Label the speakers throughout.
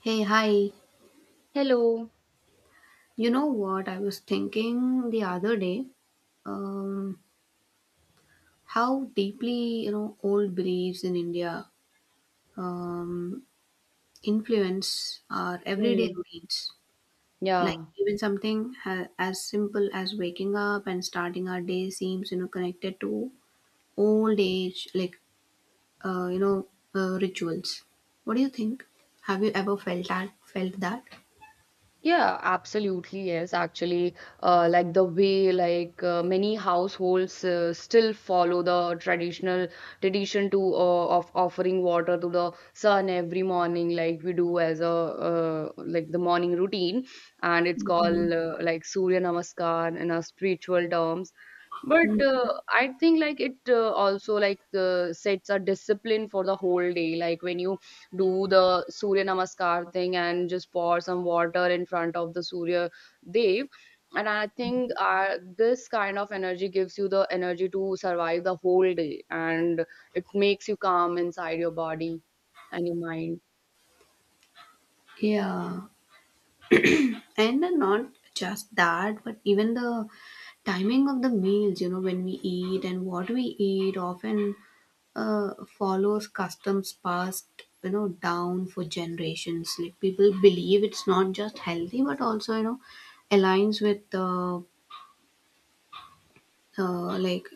Speaker 1: Hey, hi.
Speaker 2: Hello.
Speaker 1: You know what I was thinking the other day? Um, how deeply, old beliefs in India um, influence our everyday
Speaker 2: Mm.
Speaker 1: routines. Like,
Speaker 2: Yeah.
Speaker 1: even something as simple as waking up and starting our day seems, connected to old age, like, uh, you know, rituals. What do you think? Have you ever felt that? Felt that?
Speaker 2: Yeah, absolutely. Yes, actually, like the way like many households still follow the tradition to of offering water to the sun every morning, like we do as a like the morning routine, and it's
Speaker 1: Mhm.
Speaker 2: called like Surya Namaskar in a spiritual terms. But
Speaker 1: Mm.
Speaker 2: I think like it also like sets a discipline for the whole day. Like when you do the Surya Namaskar thing and just pour some water in front of the Surya Dev. And I think this kind of energy gives you the energy to survive the whole day and it makes you calm inside your body and your mind.
Speaker 1: Yeah. And not just that, but even the timing of the meals, when we eat and what we eat often follows customs passed, down for generations. Like, people believe it's not just healthy but also, aligns with the uh, like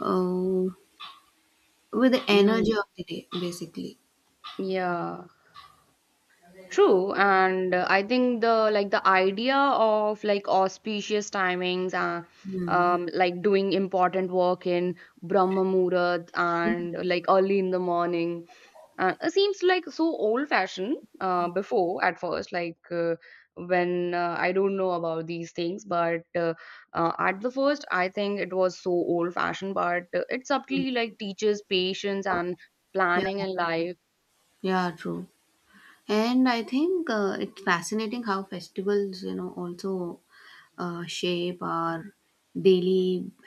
Speaker 1: uh, with the energy
Speaker 2: Mhm.
Speaker 1: of the day basically.
Speaker 2: Yeah. True, and I think the like the idea of like auspicious timings,
Speaker 1: Hmm.
Speaker 2: like doing important work in Brahma Muhurat and like early in the morning, it seems like so old-fashioned. Before at first, like when I don't know about these things, but at the first, I think it was so old-fashioned, but it subtly like teaches patience and
Speaker 1: Yeah,
Speaker 2: planning in life.
Speaker 1: yeah, true. And I think it's fascinating how festivals, also shape our daily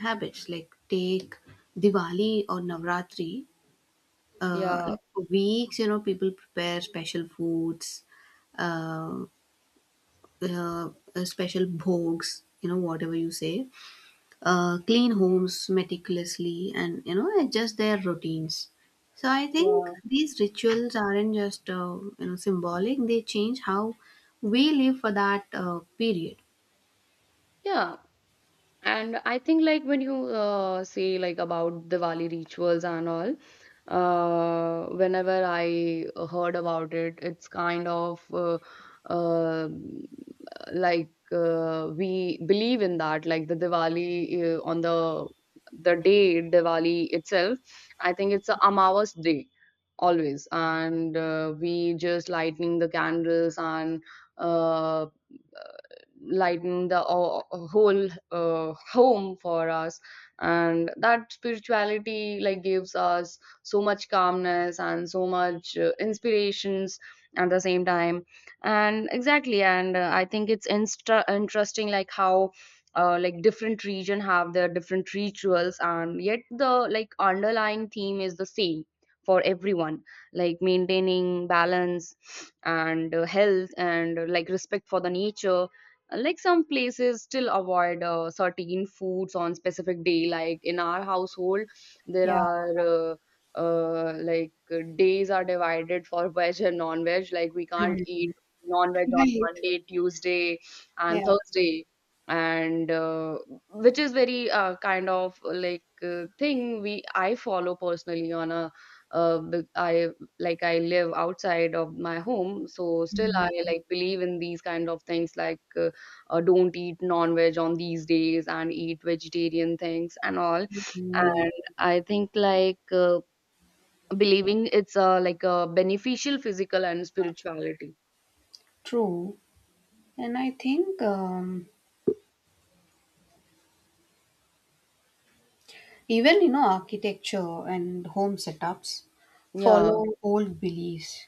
Speaker 1: habits. Like, take Diwali or Navratri. Uh,
Speaker 2: Yeah,
Speaker 1: like for weeks, people prepare special foods, uh, uh, special bhogs, whatever you say, clean homes meticulously, and, adjust their routines. So I think
Speaker 2: yeah.
Speaker 1: these rituals aren't just symbolic. They change how we live for that period.
Speaker 2: Yeah, and I think like when you say like about Diwali rituals and all, whenever I heard about it, it's kind of uh, like we believe in that, like the Diwali on the day Diwali itself. I think it's a Amavas day always, and we just lighting the candles and uh, lighten the o- whole home for us, and that spirituality like gives us so much calmness and so much inspirations at the same time. And exactly, and I think it's interesting like how like different region have their different rituals, and yet the like underlying theme is the same for everyone, like maintaining balance and health and like respect for the nature. Like some places still avoid certain foods on specific day, like in our household there
Speaker 1: Yeah,
Speaker 2: are like days are divided for veg and non-veg, like we can't eat non-veg on
Speaker 1: right.
Speaker 2: Monday, Tuesday and
Speaker 1: Yeah.
Speaker 2: Thursday, and which is very kind of like thing we I follow personally on a I, like I live outside of my home, so still I like believe in these kind of things, like don't eat non-veg on these days and eat vegetarian things and all.
Speaker 1: Mm.
Speaker 2: And I think like believing it's like a beneficial physical and spirituality.
Speaker 1: True. And I think even, architecture and home setups
Speaker 2: Yeah,
Speaker 1: follow old beliefs.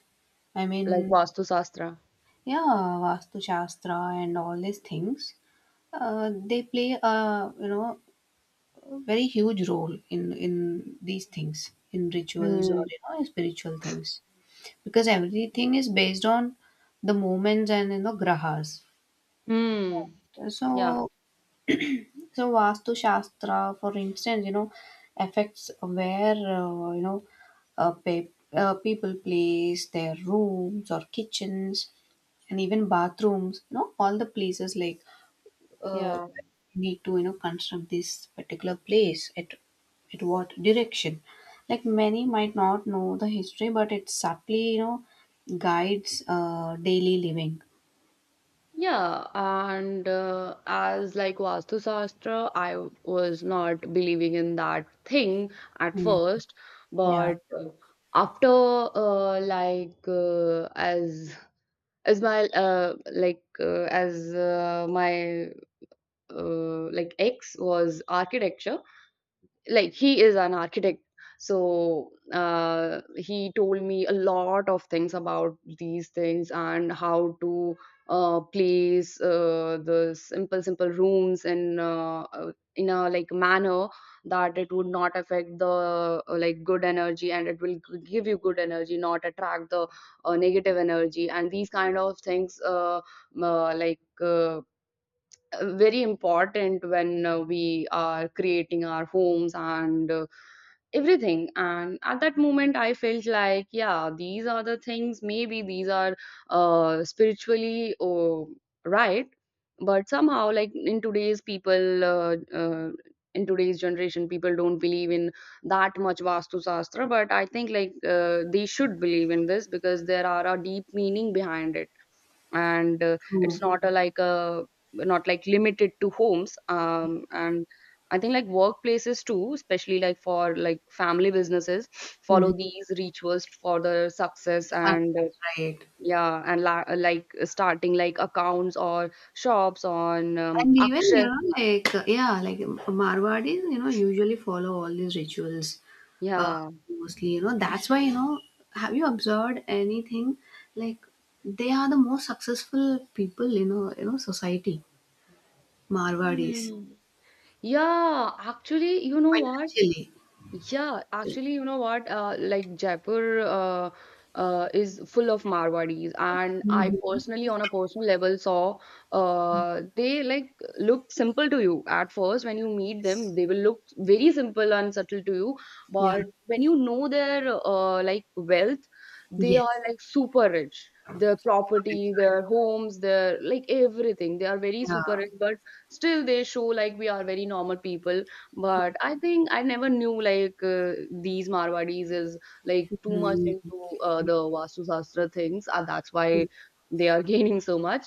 Speaker 1: I
Speaker 2: like
Speaker 1: mean,
Speaker 2: vastu shastra.
Speaker 1: yeah, Vastu Shastra and all these things. They play a, very huge role in these things, in rituals or,
Speaker 2: Hmm.
Speaker 1: in spiritual things, because everything is based on the moments and, grahas.
Speaker 2: Hmm. Yeah.
Speaker 1: So so, Vastu Shastra, for instance, affects where, people place their rooms or kitchens and even bathrooms, all the places, like, uh,
Speaker 2: Yeah.
Speaker 1: need to, construct this particular place at what direction. Like, many might not know the history, but it subtly, guides daily living.
Speaker 2: Yeah. And as like Vastu Shastra, I was not believing in that thing at
Speaker 1: Mm.
Speaker 2: first,
Speaker 1: Yeah,
Speaker 2: but after like as my like as my like ex was architecture, like he is an architect. So he told me a lot of things about these things, and how to place the simple rooms in a like manner that it would not affect the like good energy, and it will give you good energy, not attract the negative energy. And these kind of things like very important when we are creating our homes and everything. And at that moment I felt like, yeah, these are the things, maybe these are spiritually right. But somehow like in today's people in today's generation, people don't believe in that much vastu shastra. But I think like they should believe in this, because there are a deep meaning behind it. And it's
Speaker 1: true.
Speaker 2: not a like a, not like limited to homes, um, and I think like workplaces too, especially like for like family businesses
Speaker 1: Mhm.
Speaker 2: follow these rituals for the success,
Speaker 1: Success,
Speaker 2: and
Speaker 1: right?
Speaker 2: yeah. And like starting like accounts or shops on
Speaker 1: And even,
Speaker 2: akshay.
Speaker 1: like, yeah, like, Marwadis, usually follow all these rituals uh,
Speaker 2: Yeah.
Speaker 1: mostly, you know. That's why, have you observed anything? Like, they are the most successful people in a, society, Marwadis,
Speaker 2: Hmm. Yeah, actually, you know what?
Speaker 1: financially.
Speaker 2: Yeah, actually, you know what? Like Jaipur is full of Marwadis, and I
Speaker 1: Hmm.
Speaker 2: personally, on a personal level, saw they like look simple to you at first when you meet
Speaker 1: Yes.
Speaker 2: them. They will look very simple and subtle to you,
Speaker 1: Yeah.
Speaker 2: but when you know their like wealth, they are
Speaker 1: Yes.
Speaker 2: like super rich. Their
Speaker 1: For rich,
Speaker 2: property,
Speaker 1: right?
Speaker 2: their homes, their like everything. They are very
Speaker 1: Yeah.
Speaker 2: super rich, but still they show like we are very normal people. But I think I never knew like these Marwadis is like too much
Speaker 1: Mhm.
Speaker 2: into the Vastu Shastra things, and that's why they are gaining so much.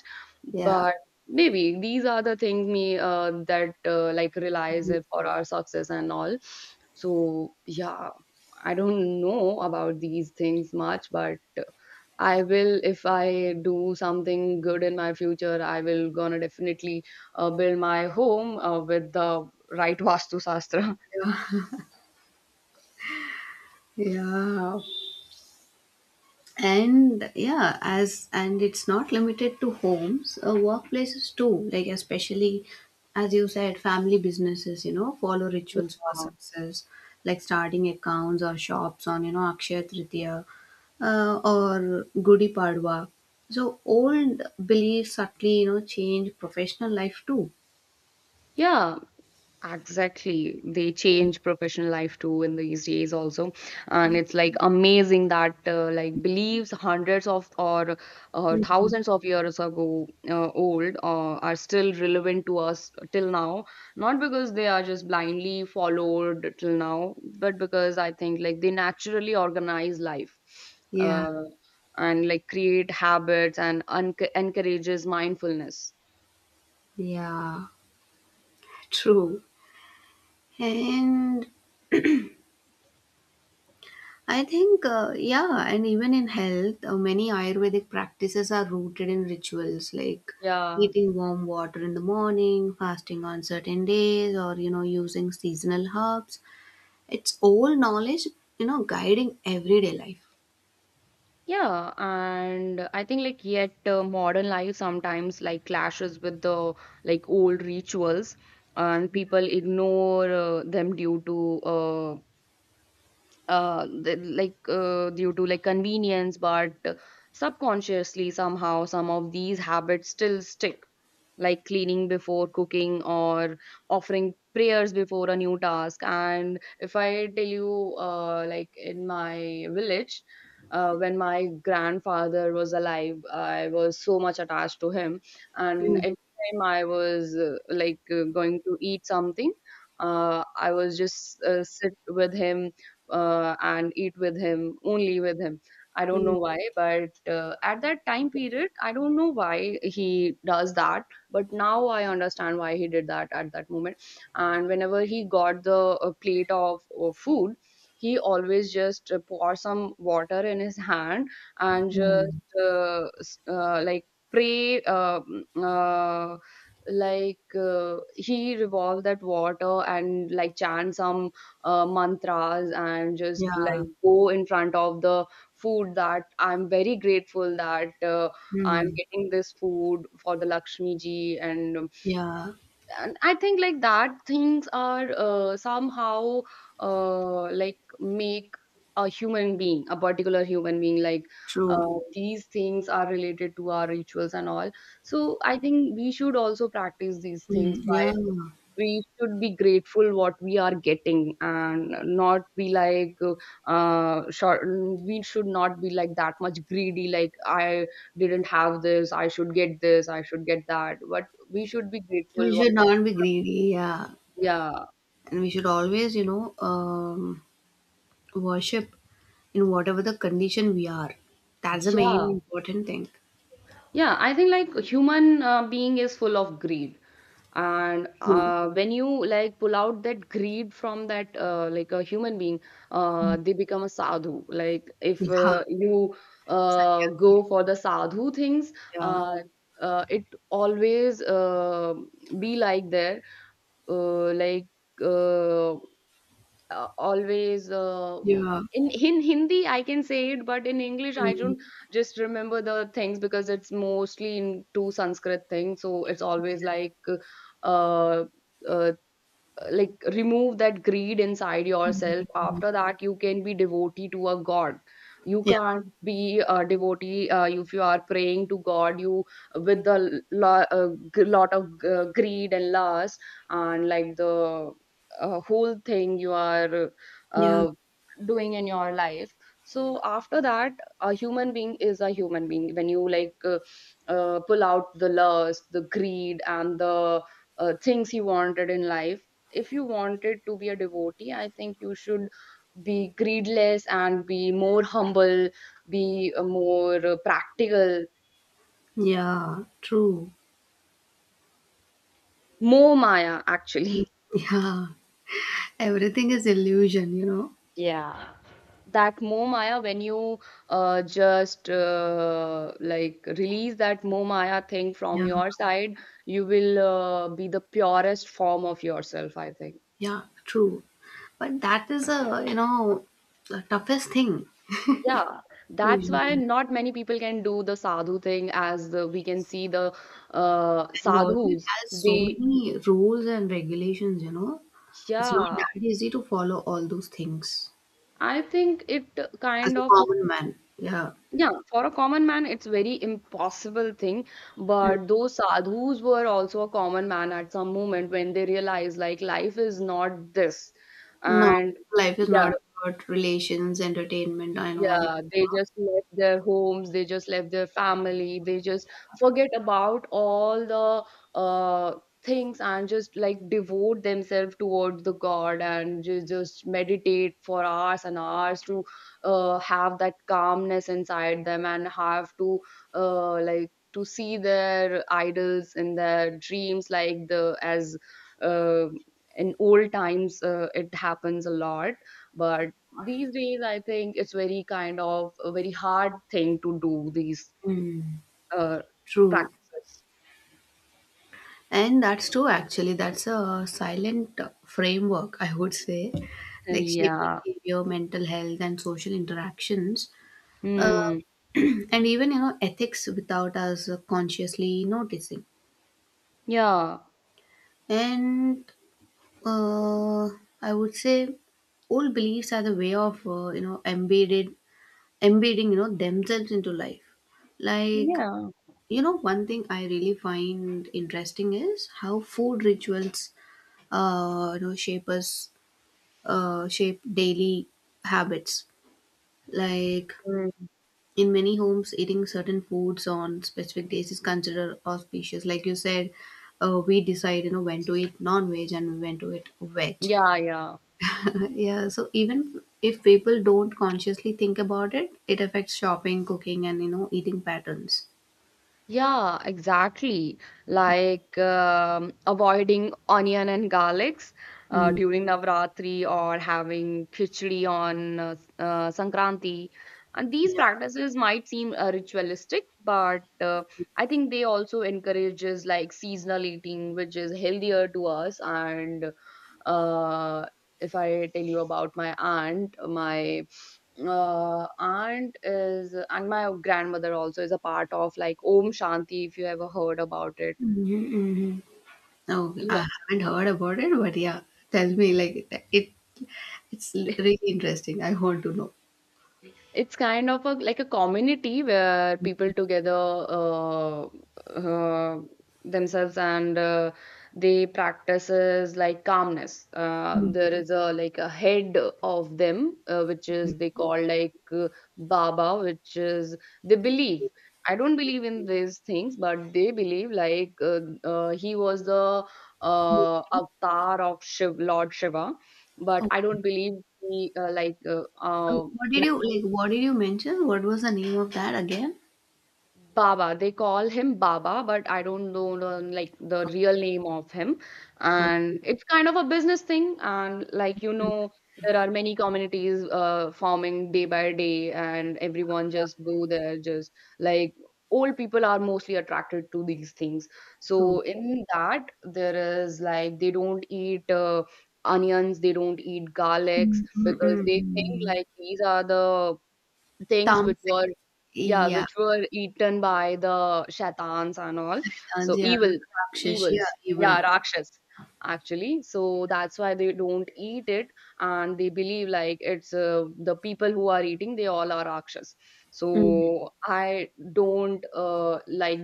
Speaker 1: Yeah.
Speaker 2: But maybe these are the things me that like relies it for our success and all. So yeah, I don't know about these things much, but I will, if I do something good in my future, I will gonna definitely build my home with the right Vastu Sastra.
Speaker 1: Yeah. And yeah, as and it's not limited to homes, workplaces too, like, especially as you said, family businesses, follow rituals for
Speaker 2: Yeah.
Speaker 1: success, like starting accounts or shops on, akshaya tritiya or gudi padwa. So old beliefs subtly, change professional life too.
Speaker 2: Yeah, exactly. They change professional life too in these days also. And it's like amazing that like beliefs hundreds of or thousands of years ago old are still relevant to us till now. Not because they are just blindly followed till now, but because I think like they naturally organize life.
Speaker 1: Yeah,
Speaker 2: Uh, and like create habits and encourages mindfulness.
Speaker 1: yeah, true. And I think, yeah, and even in health, many Ayurvedic practices are rooted in rituals, like
Speaker 2: Yeah,
Speaker 1: eating warm water in the morning, fasting on certain days, or, you know, using seasonal herbs. It's all knowledge, you know, guiding everyday life.
Speaker 2: yeah, and I think like yet modern life sometimes like clashes with the like old rituals, and people ignore them due to like due to like convenience, but subconsciously somehow some of these habits still stick. Like cleaning before cooking or offering prayers before a new task. And if I tell you like in my village when my grandfather was alive, I was so much attached to him. And
Speaker 1: Mm,
Speaker 2: every time I was like going to eat something, I was just sit with him, and eat with him, only with him. I don't
Speaker 1: mm,
Speaker 2: know why, but at that time period I don't know why he does that, but now I understand why he did that at that moment. And whenever he got the plate of food, he always just pour some water in his hand and just
Speaker 1: mm.
Speaker 2: like pray uh, like he revolve that water and like chant some mantras, and just
Speaker 1: Yeah.
Speaker 2: like go in front of the food that I'm very grateful that I'm
Speaker 1: Mm,
Speaker 2: getting this food for the Lakshmi ji. And
Speaker 1: yeah,
Speaker 2: and I think like that things are somehow like make a human being a particular human being, like
Speaker 1: true.
Speaker 2: these things are related to our rituals and all. So I think we should also practice these things.
Speaker 1: Mm, yeah,
Speaker 2: We should be grateful what we are getting and not be like short. We should not be like that much greedy, like I didn't have this, I should get this, I should get that, but we should be
Speaker 1: we
Speaker 2: grateful what,
Speaker 1: should not be greedy. Yeah,
Speaker 2: yeah.
Speaker 1: and we should always, you know, worship in whatever the condition we are. That's the
Speaker 2: yeah
Speaker 1: main important thing.
Speaker 2: yeah I think like human being is full of greed, and
Speaker 1: True.
Speaker 2: when you like pull out that greed from that like a human being,
Speaker 1: Mm.
Speaker 2: they become a sadhu. Like if
Speaker 1: Yeah.
Speaker 2: you go
Speaker 1: Sannyasi.
Speaker 2: for the sadhu things,
Speaker 1: Yeah.
Speaker 2: uh, it always be like there like uh, always
Speaker 1: Yeah.
Speaker 2: in Hindi I can say it, but in English I
Speaker 1: Mm.
Speaker 2: don't just remember the things because it's mostly into Sanskrit thing. So it's always uh, uh, like remove that greed inside yourself, after that you can be devotee to a god. You
Speaker 1: Yeah.
Speaker 2: can't be a devotee if you are praying to god you with the lo- uh, lot of greed and lust and like the whole thing you are
Speaker 1: Yeah.
Speaker 2: uh, doing in your life. So after that, a human being is a human being when you like pull out the lust, the greed, and the things he wanted in life. If you wanted to be a devotee, I think you should be greedless and be more humble, be more practical,
Speaker 1: Yeah. True.
Speaker 2: more Maya actually.
Speaker 1: Yeah. Everything is illusion, you know.
Speaker 2: Yeah. That more Maya, when you just like release that more Maya thing from
Speaker 1: Yeah.
Speaker 2: your side, you will be the purest form of yourself, I think.
Speaker 1: Yeah. True. But that is a, you know, the toughest thing
Speaker 2: Yeah, that's why
Speaker 1: usually.
Speaker 2: not many people can do the sadhu thing. As the, we can see the
Speaker 1: And also it
Speaker 2: sadhus.
Speaker 1: has so
Speaker 2: They,
Speaker 1: many rules and regulations, you know. It's not
Speaker 2: yeah,
Speaker 1: that easy to follow all those things,
Speaker 2: I think it
Speaker 1: as
Speaker 2: kind
Speaker 1: a
Speaker 2: of,
Speaker 1: common man. Yeah.
Speaker 2: yeah, for a common man, it's very impossible thing.
Speaker 1: Yeah.
Speaker 2: But those sadhus were also a common man at some moment when they realized like life is not this.
Speaker 1: No,
Speaker 2: And
Speaker 1: life is
Speaker 2: yeah.
Speaker 1: not about relations, entertainment, and all.
Speaker 2: Yeah, they just left their homes, they just left their family, they just forget about all the things and just like devote themselves towards the God and just meditate for hours and hours to have that calmness inside them and have to like to see their idols in their dreams, like the as uh, in old times it happens a lot but these days, I think it's very kind of a very hard thing to do these
Speaker 1: Mm,
Speaker 2: uh,
Speaker 1: true.
Speaker 2: practices.
Speaker 1: And that's true, actually. That's a silent framework, I would say, like shaping
Speaker 2: Yeah.
Speaker 1: behavior, mental health, and social interactions. Uh,
Speaker 2: Mm.
Speaker 1: and even, you know, ethics without us consciously noticing.
Speaker 2: Yeah.
Speaker 1: And uh, I would say old beliefs are the way of, you know, embedded embedding, you know, themselves into life, like,
Speaker 2: Yeah.
Speaker 1: you know, one thing I really find interesting is how food rituals, you know, shape us, shape daily habits, like,
Speaker 2: Mm.
Speaker 1: in many homes, eating certain foods on specific days is considered auspicious, like you said. We decide, you know, when to eat non-veg and when to eat veg.
Speaker 2: Yeah, yeah.
Speaker 1: Yeah, so even if people don't consciously think about it, it affects shopping, cooking, and, you know, eating patterns.
Speaker 2: Yeah, exactly. Like avoiding onion and garlics
Speaker 1: Mm,
Speaker 2: during Navratri or having khichdi on Sankranti. And these
Speaker 1: yeah.
Speaker 2: practices might seem ritualistic, but I think they also encourages like seasonal eating, which is healthier to us. And uh, if I tell you about my aunt is and my grandmother also is a part of like Om Shanti if you ever heard about it.
Speaker 1: Mhm, mhm. No,
Speaker 2: Yeah.
Speaker 1: I haven't heard about it, but yeah, tell me like it. It's really interesting. I want to know.
Speaker 2: It's kind of a like a community where people together uh, themselves and they practices like calmness.
Speaker 1: Mm.
Speaker 2: There is a like a head of them which is they call like Baba, which is they believe. I don't believe in these things, but they believe like he was the avatar of Shiv, Lord Shiva. But I
Speaker 1: Okay.
Speaker 2: don't believe he
Speaker 1: Oh, what did you like? What did you mention? What was the name of that again?
Speaker 2: Baba. They call him Baba, but I don't know like the
Speaker 1: Okay.
Speaker 2: real name of him.
Speaker 1: Okay.
Speaker 2: And it's kind of a business thing. And there are many communities forming day by day, and everyone just go there. Just like old people are mostly attracted to these things.
Speaker 1: So.
Speaker 2: So in that, there is like they don't eat. Onions, they don't eat garlics
Speaker 1: Mm, mm,
Speaker 2: because
Speaker 1: mm,
Speaker 2: they think
Speaker 1: mm.
Speaker 2: like these are the things which
Speaker 1: Tamasic.
Speaker 2: were, yeah,
Speaker 1: Yeah.
Speaker 2: which were eaten by the shaitans and all,
Speaker 1: Shaitan,
Speaker 2: so
Speaker 1: yeah.
Speaker 2: evil
Speaker 1: Rakshas. Yeah.
Speaker 2: evils,
Speaker 1: Evil.
Speaker 2: yeah, rakshas actually. So that's why they don't eat it, and they believe like it's the people who are eating they all are rakshas.
Speaker 1: Mm,
Speaker 2: So I don't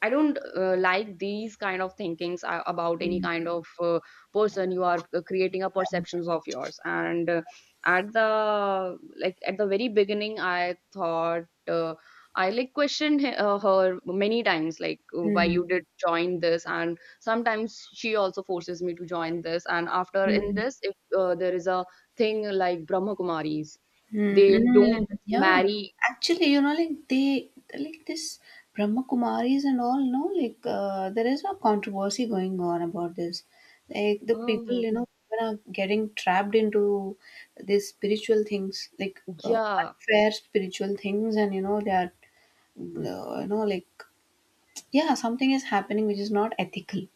Speaker 2: I don't like these kind of thinkings about any
Speaker 1: mm,
Speaker 2: kind of person. You are creating a perceptions of yours, and at the like at the very beginning, I thought I like questioned her many times, like why
Speaker 1: mm,
Speaker 2: you did join this, and sometimes she also forces me to join this. And after in
Speaker 1: mm.
Speaker 2: this, if there is a thing like Brahma Kumaris,
Speaker 1: Mm,
Speaker 2: they don't
Speaker 1: mm, yeah.
Speaker 2: marry.
Speaker 1: Actually, you know, like, they like this Brahma Kumaris and all, no, like, there is a controversy going on about this. Like, the people,
Speaker 2: Mm,
Speaker 1: you know, people are getting trapped into these spiritual things, like,
Speaker 2: yeah.
Speaker 1: unfair spiritual things, and, you know, they are, you know, like, yeah, something is happening which is not ethical.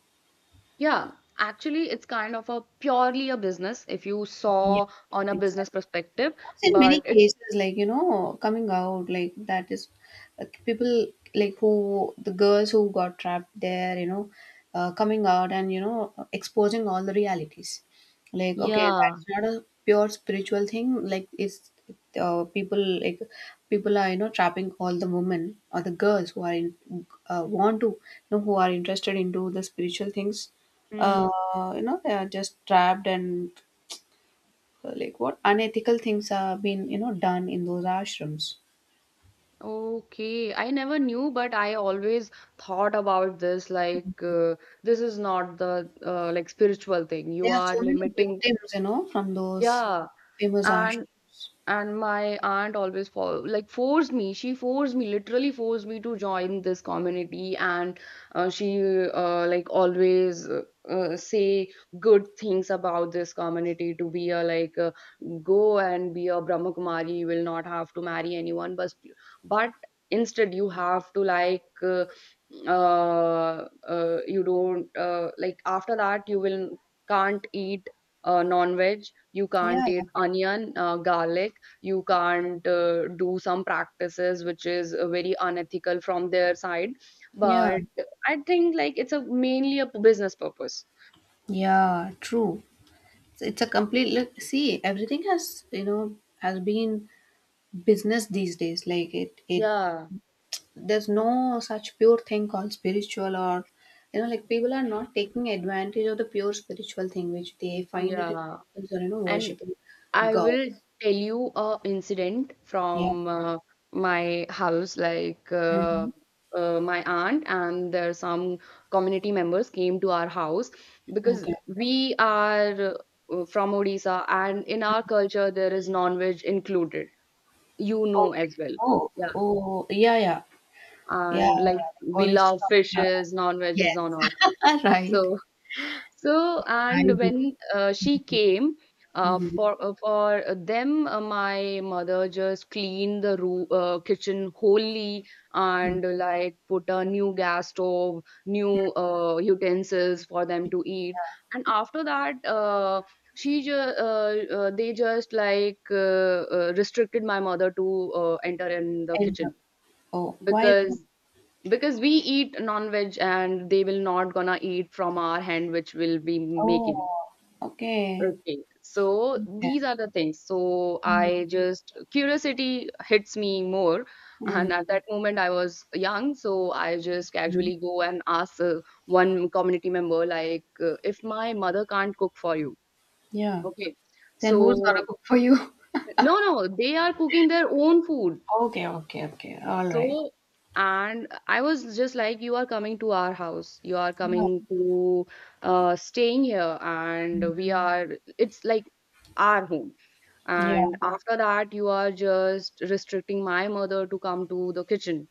Speaker 2: Yeah, actually, it's kind of a purely a business if you
Speaker 1: Yeah,
Speaker 2: saw on a business
Speaker 1: exactly.
Speaker 2: perspective,
Speaker 1: In many
Speaker 2: but it's
Speaker 1: cases, like, you know, coming out like that is, like, people, like, who the girls who got trapped there, you know, coming out and, you know, exposing all the realities, like, okay,
Speaker 2: yeah.
Speaker 1: that's not a pure spiritual thing, like, it's, people, like, people are, you know, trapping all the women or the girls who are in, want to, you know, who are interested into the spiritual things,
Speaker 2: Hmm.
Speaker 1: you know, they are just trapped, and, like, what unethical things are being, you know, done in those ashrams.
Speaker 2: Okay, I never knew, but I always thought about this like this is not the like spiritual thing. You
Speaker 1: There are
Speaker 2: are
Speaker 1: so many
Speaker 2: limiting.
Speaker 1: victims, you know, from those
Speaker 2: Yeah.
Speaker 1: famous
Speaker 2: And
Speaker 1: ashrams.
Speaker 2: and my aunt always for like forced me, she forced me, literally forced me to join this community. And she like always say good things about this community to be a like go and be a Brahma Kumari, you will not have to marry anyone, but instead you have to like you don't like after that you will can't eat non-veg, you
Speaker 1: Yeah,
Speaker 2: can't eat onion garlic, you can't do some practices which is very unethical from their side.
Speaker 1: yeah,
Speaker 2: But I think like it's a mainly a business purpose,
Speaker 1: yeah, true. It's a complete, look, see, everything has, you know, has been business these days, like, it,
Speaker 2: yeah,
Speaker 1: there's no such pure thing called spiritual, or, you know, like, people are not taking advantage of the pure spiritual thing which they find it in
Speaker 2: yeah.
Speaker 1: temples or, you know,
Speaker 2: And
Speaker 1: worshiping
Speaker 2: I will
Speaker 1: gods.
Speaker 2: tell you a incident
Speaker 1: Yeah.
Speaker 2: from my house like
Speaker 1: Hmm.
Speaker 2: my aunt and there some community members came to our house because
Speaker 1: Okay.
Speaker 2: we are from Odisha and in our culture there is non-veg included, you know,
Speaker 1: Okay.
Speaker 2: as well.
Speaker 1: Oh,
Speaker 2: Yeah.
Speaker 1: oh, yeah, yeah, yeah.
Speaker 2: And like we
Speaker 1: Boris,
Speaker 2: love
Speaker 1: yeah,
Speaker 2: fishes, non-veggies
Speaker 1: yes.
Speaker 2: and all.
Speaker 1: All right.
Speaker 2: So so
Speaker 1: I
Speaker 2: and
Speaker 1: do.
Speaker 2: when she came
Speaker 1: Mm-hmm.
Speaker 2: for them my mother just cleaned the room kitchen wholly and like put a new gas stove, new utensils for them to eat. And after that she ju they just like restricted my mother to enter in the
Speaker 1: And
Speaker 2: kitchen
Speaker 1: oh, why? Is it,
Speaker 2: because because we eat non-veg and they will not gonna eat from our hand which will be making.
Speaker 1: oh, okay.
Speaker 2: Okay, so
Speaker 1: Yeah.
Speaker 2: these are the things. So I just, curiosity hits me more
Speaker 1: Mm-hmm.
Speaker 2: and at that moment I was young, so I just casually go and ask one community member like if my mother can't cook for you,
Speaker 1: Yeah.
Speaker 2: okay,
Speaker 1: Then who's
Speaker 2: so
Speaker 1: gonna cook for you?
Speaker 2: no, no, they are cooking their own food.
Speaker 1: Okay. Okay. Okay. All right.
Speaker 2: So, and I was just like, you are coming to our house, you are
Speaker 1: Yeah.
Speaker 2: coming to staying here, and we are, it's like our home
Speaker 1: Yeah.
Speaker 2: and after that you are just restricting my mother to come to the kitchen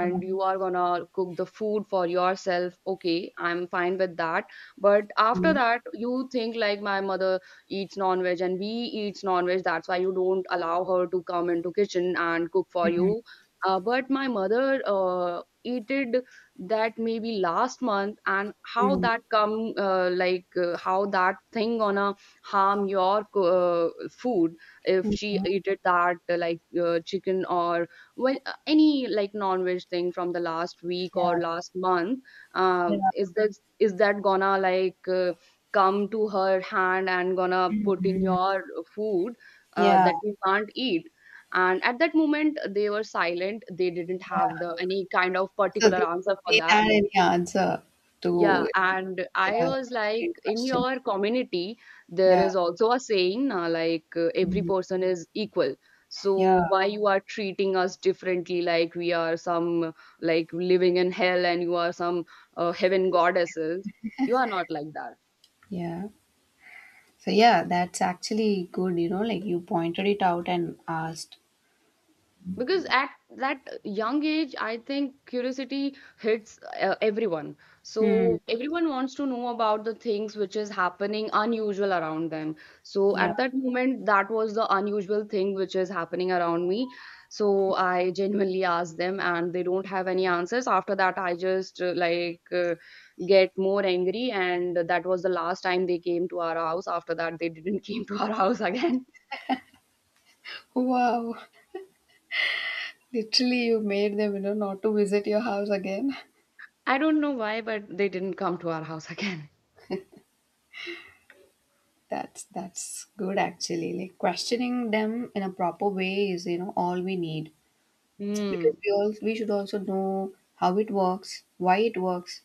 Speaker 1: Yeah.
Speaker 2: you are gonna cook the food for yourself, okay, I'm fine with that. But after
Speaker 1: Mm-hmm.
Speaker 2: that, you think like my mother eats non-veg and we eats non-veg, that's why you don't allow her to come into kitchen and cook for you. But my mother eated that maybe last month, and how that come how that thing gonna harm your food if she eated that chicken or well any like non-veg thing from the last week
Speaker 1: Yeah.
Speaker 2: or last month.
Speaker 1: Yeah.
Speaker 2: Is that, is that gonna like come to her hand and gonna put
Speaker 1: Mhm.
Speaker 2: in your food
Speaker 1: Yeah.
Speaker 2: that you can't eat? And at that moment they were silent, they didn't have
Speaker 1: Yeah.
Speaker 2: the any kind of
Speaker 1: So
Speaker 2: particular
Speaker 1: they,
Speaker 2: answer for
Speaker 1: they
Speaker 2: that.
Speaker 1: had any answer to,
Speaker 2: Yeah, and I
Speaker 1: yeah,
Speaker 2: was
Speaker 1: to
Speaker 2: like,
Speaker 1: your
Speaker 2: in
Speaker 1: question.
Speaker 2: your community, there
Speaker 1: Yeah.
Speaker 2: is also a saying, every
Speaker 1: Mhm.
Speaker 2: person is equal. So
Speaker 1: Yeah.
Speaker 2: why you are treating us differently, like we are some like living in hell and you are some heaven goddesses? You are not like that.
Speaker 1: Yeah. So yeah, that's actually good, you know, like you pointed it out and asked.
Speaker 2: Because at that young age I think curiosity hits everyone. So
Speaker 1: Hmm.
Speaker 2: everyone wants to know about the things which is happening unusual around them. So
Speaker 1: Yeah.
Speaker 2: at that moment that was the unusual thing which is happening around me. So I genuinely asked them and they don't have any answers. After that I just get more angry and that was the last time they came to our house. After that they didn't came to our house again.
Speaker 1: Wow, literally you made them, you know, not to visit your house again.
Speaker 2: I don't know why but they didn't come to our house again.
Speaker 1: That's good actually. Like, questioning them in a proper way is, you know, all we need. Because
Speaker 2: Mm.
Speaker 1: we should also know how it works, why it works,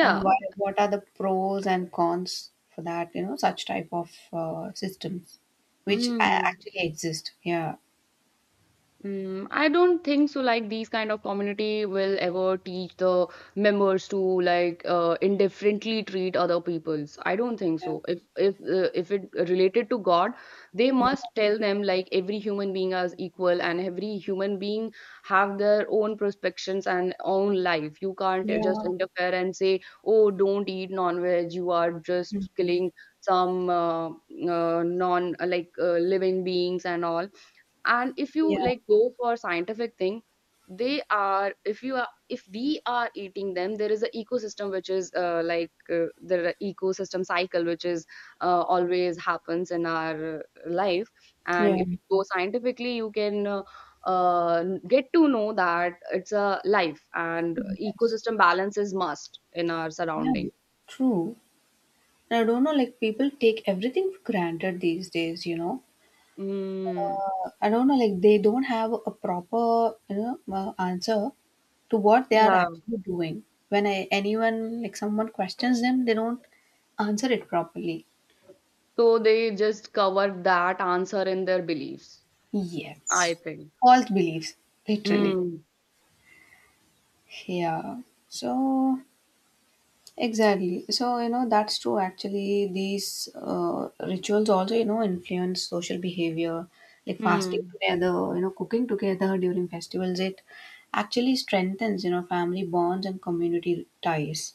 Speaker 1: and why what are the pros and cons for that, you know, such type of systems which
Speaker 2: Hmm.
Speaker 1: actually exist. Yeah.
Speaker 2: Mm, I don't think so. Like these kind of community will ever teach the members to like indifferently treat other peoples. I don't think
Speaker 1: Yeah.
Speaker 2: so. If if it related to God, they
Speaker 1: Yeah.
Speaker 2: must tell them like every human being is equal and every human being have their own perspectives and own life. You can't just interfere and say, oh, don't eat non-veg. You are
Speaker 1: Yeah.
Speaker 2: just killing some non like living beings and all. And if you
Speaker 1: Yeah,
Speaker 2: like go for scientific thing, they are, if you are, if we are eating them, there is an ecosystem which is the ecosystem cycle which is always happens in our life. And
Speaker 1: yeah,
Speaker 2: if you go scientifically, you can get to know that it's a life and
Speaker 1: yes,
Speaker 2: ecosystem balance is must in our
Speaker 1: yeah,
Speaker 2: surrounding.
Speaker 1: true. And I don't know, like, people take everything for granted these days, you know.
Speaker 2: Mm,
Speaker 1: I don't know, like, they don't have a proper, you know, answer to what they are
Speaker 2: yeah.
Speaker 1: actually doing. When I, anyone, like, someone questions them, they don't answer it properly.
Speaker 2: So they just cover that answer in their beliefs, I
Speaker 1: Yes,
Speaker 2: think.
Speaker 1: false beliefs, literally.
Speaker 2: Hmm.
Speaker 1: Yeah. So. Exactly. So, you know, that's true. Actually, these rituals also, you know, influence social behavior, like fasting
Speaker 2: Hmm.
Speaker 1: together, you know, cooking together during festivals. It actually strengthens, you know, family bonds and community ties.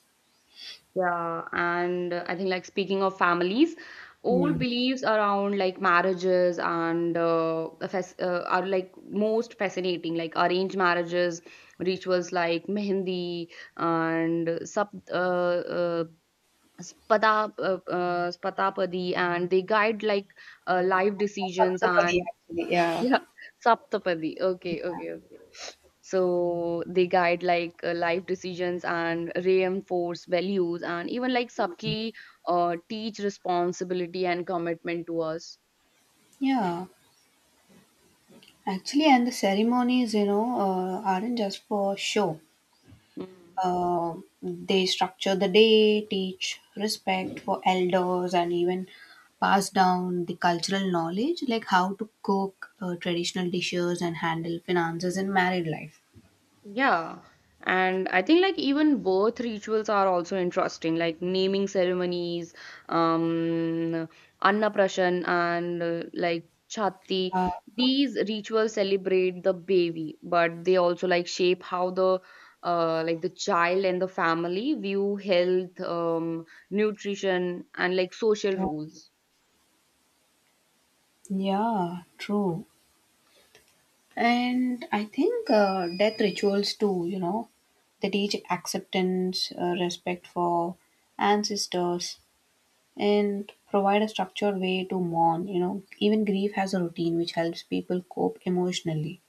Speaker 2: Yeah, and I think like speaking of families, old
Speaker 1: Hmm.
Speaker 2: beliefs around like marriages and are like most fascinating. Like arranged marriages, rituals like mehendi and sub spata spatapadi, and they guide like life decisions
Speaker 1: Saptapadi,
Speaker 2: and
Speaker 1: actually, yeah.
Speaker 2: yeah, Saptapadi. Okay, okay, okay. So they guide like life decisions and reinforce values and even like subtly teach responsibility and commitment to us.
Speaker 1: Yeah, actually, and the ceremonies, you know, aren't just for show.
Speaker 2: Mm.
Speaker 1: Uh, they structure the day, teach respect for elders, and even pass down the cultural knowledge, like how to cook traditional dishes and handle finances in married life.
Speaker 2: Yeah, and I think like even birth rituals are also interesting, like naming ceremonies, um, Annaprashan and like Chhati.
Speaker 1: Yeah,
Speaker 2: These rituals celebrate the baby, but they also like shape how the like the child and the family view health, nutrition, and like social
Speaker 1: yeah,
Speaker 2: rules.
Speaker 1: yeah, true. And I think death rituals too, you know, they teach acceptance, respect for ancestors, and provide a structured way to mourn. Even grief has a routine which helps people cope emotionally.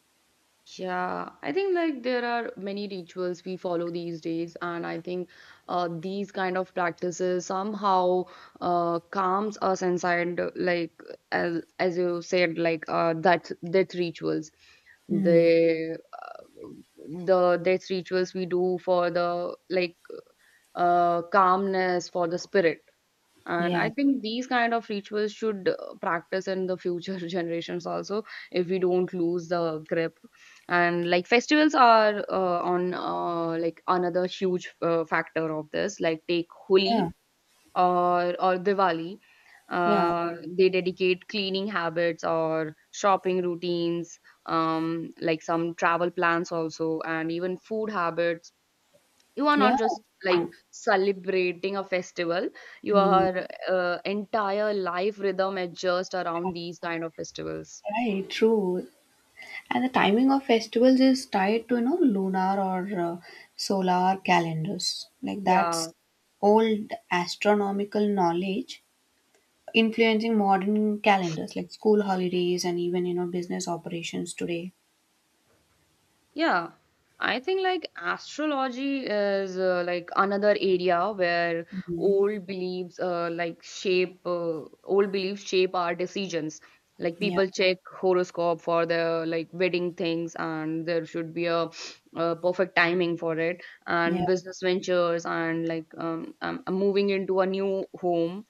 Speaker 2: Yeah, I think like there are many rituals we follow these days, and I think these kind of practices somehow calms us inside, like as you said, like that death rituals,
Speaker 1: Hmm.
Speaker 2: the uh, the death rituals we do for the like calmness for the spirit. And
Speaker 1: Yeah.
Speaker 2: I think these kind of rituals should practice in the future generations also, if we don't lose the grip. And like festivals are on like another huge factor of this. Like take
Speaker 1: Yeah.
Speaker 2: Holi or Diwali.
Speaker 1: Yeah.
Speaker 2: They dedicate cleaning habits or shopping routines, like some travel plans also, and even food habits. You are
Speaker 1: Yeah.
Speaker 2: not just like
Speaker 1: True.
Speaker 2: celebrating a festival,
Speaker 1: Hmm.
Speaker 2: your entire life rhythm adjust around these kind of festivals,
Speaker 1: Right. True. And the timing of festivals is tied to, you know, lunar or solar calendars. Like,
Speaker 2: yeah.
Speaker 1: that's old astronomical knowledge influencing modern calendars, like school holidays and even, you know, business operations today.
Speaker 2: Yeah, I think like astrology is like another area where
Speaker 1: Mhm.
Speaker 2: old beliefs shape our decisions. Like
Speaker 1: Yeah.
Speaker 2: people check horoscope for their like wedding things, and there should be a, uh, perfect timing for it, and
Speaker 1: Yeah.
Speaker 2: business ventures, and like moving into a new home.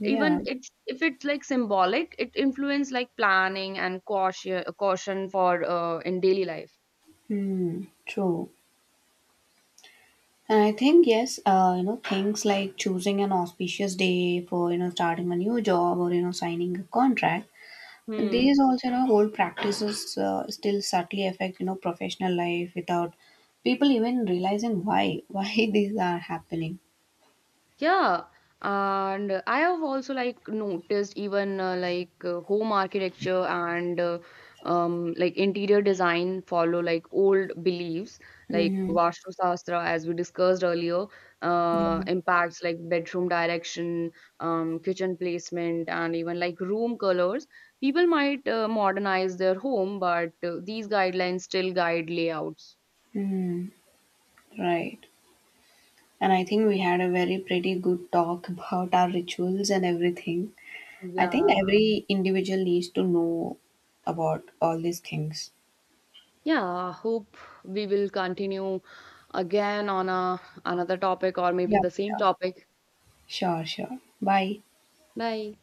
Speaker 1: Yeah.
Speaker 2: Even it's if it's like symbolic, it influence like planning and caution for in daily life.
Speaker 1: Hmm, true. And I think, yes, you know, things like choosing an auspicious day for, you know, starting a new job, or, you know, signing a contract. And
Speaker 2: Hmm.
Speaker 1: these also, you know, old practices still subtly affect, you know, professional life without people even realizing why, why these are happening.
Speaker 2: Yeah, and I have also like noticed even home architecture and like interior design follow like old beliefs like
Speaker 1: Mm-hmm.
Speaker 2: Vastu Shastra as we discussed earlier
Speaker 1: Yeah.
Speaker 2: impacts like bedroom direction, kitchen placement, and even like room colors. People might modernize their home, but these guidelines still guide layouts.
Speaker 1: Mm, right. And I think we had a very pretty good talk about our rituals and everything. I think
Speaker 2: Yeah.
Speaker 1: every individual needs to know about all these things.
Speaker 2: Yeah, hope we will continue again on a another topic or maybe
Speaker 1: Yeah,
Speaker 2: the same
Speaker 1: sure.
Speaker 2: topic.
Speaker 1: Sure, sure. Bye.
Speaker 2: Bye.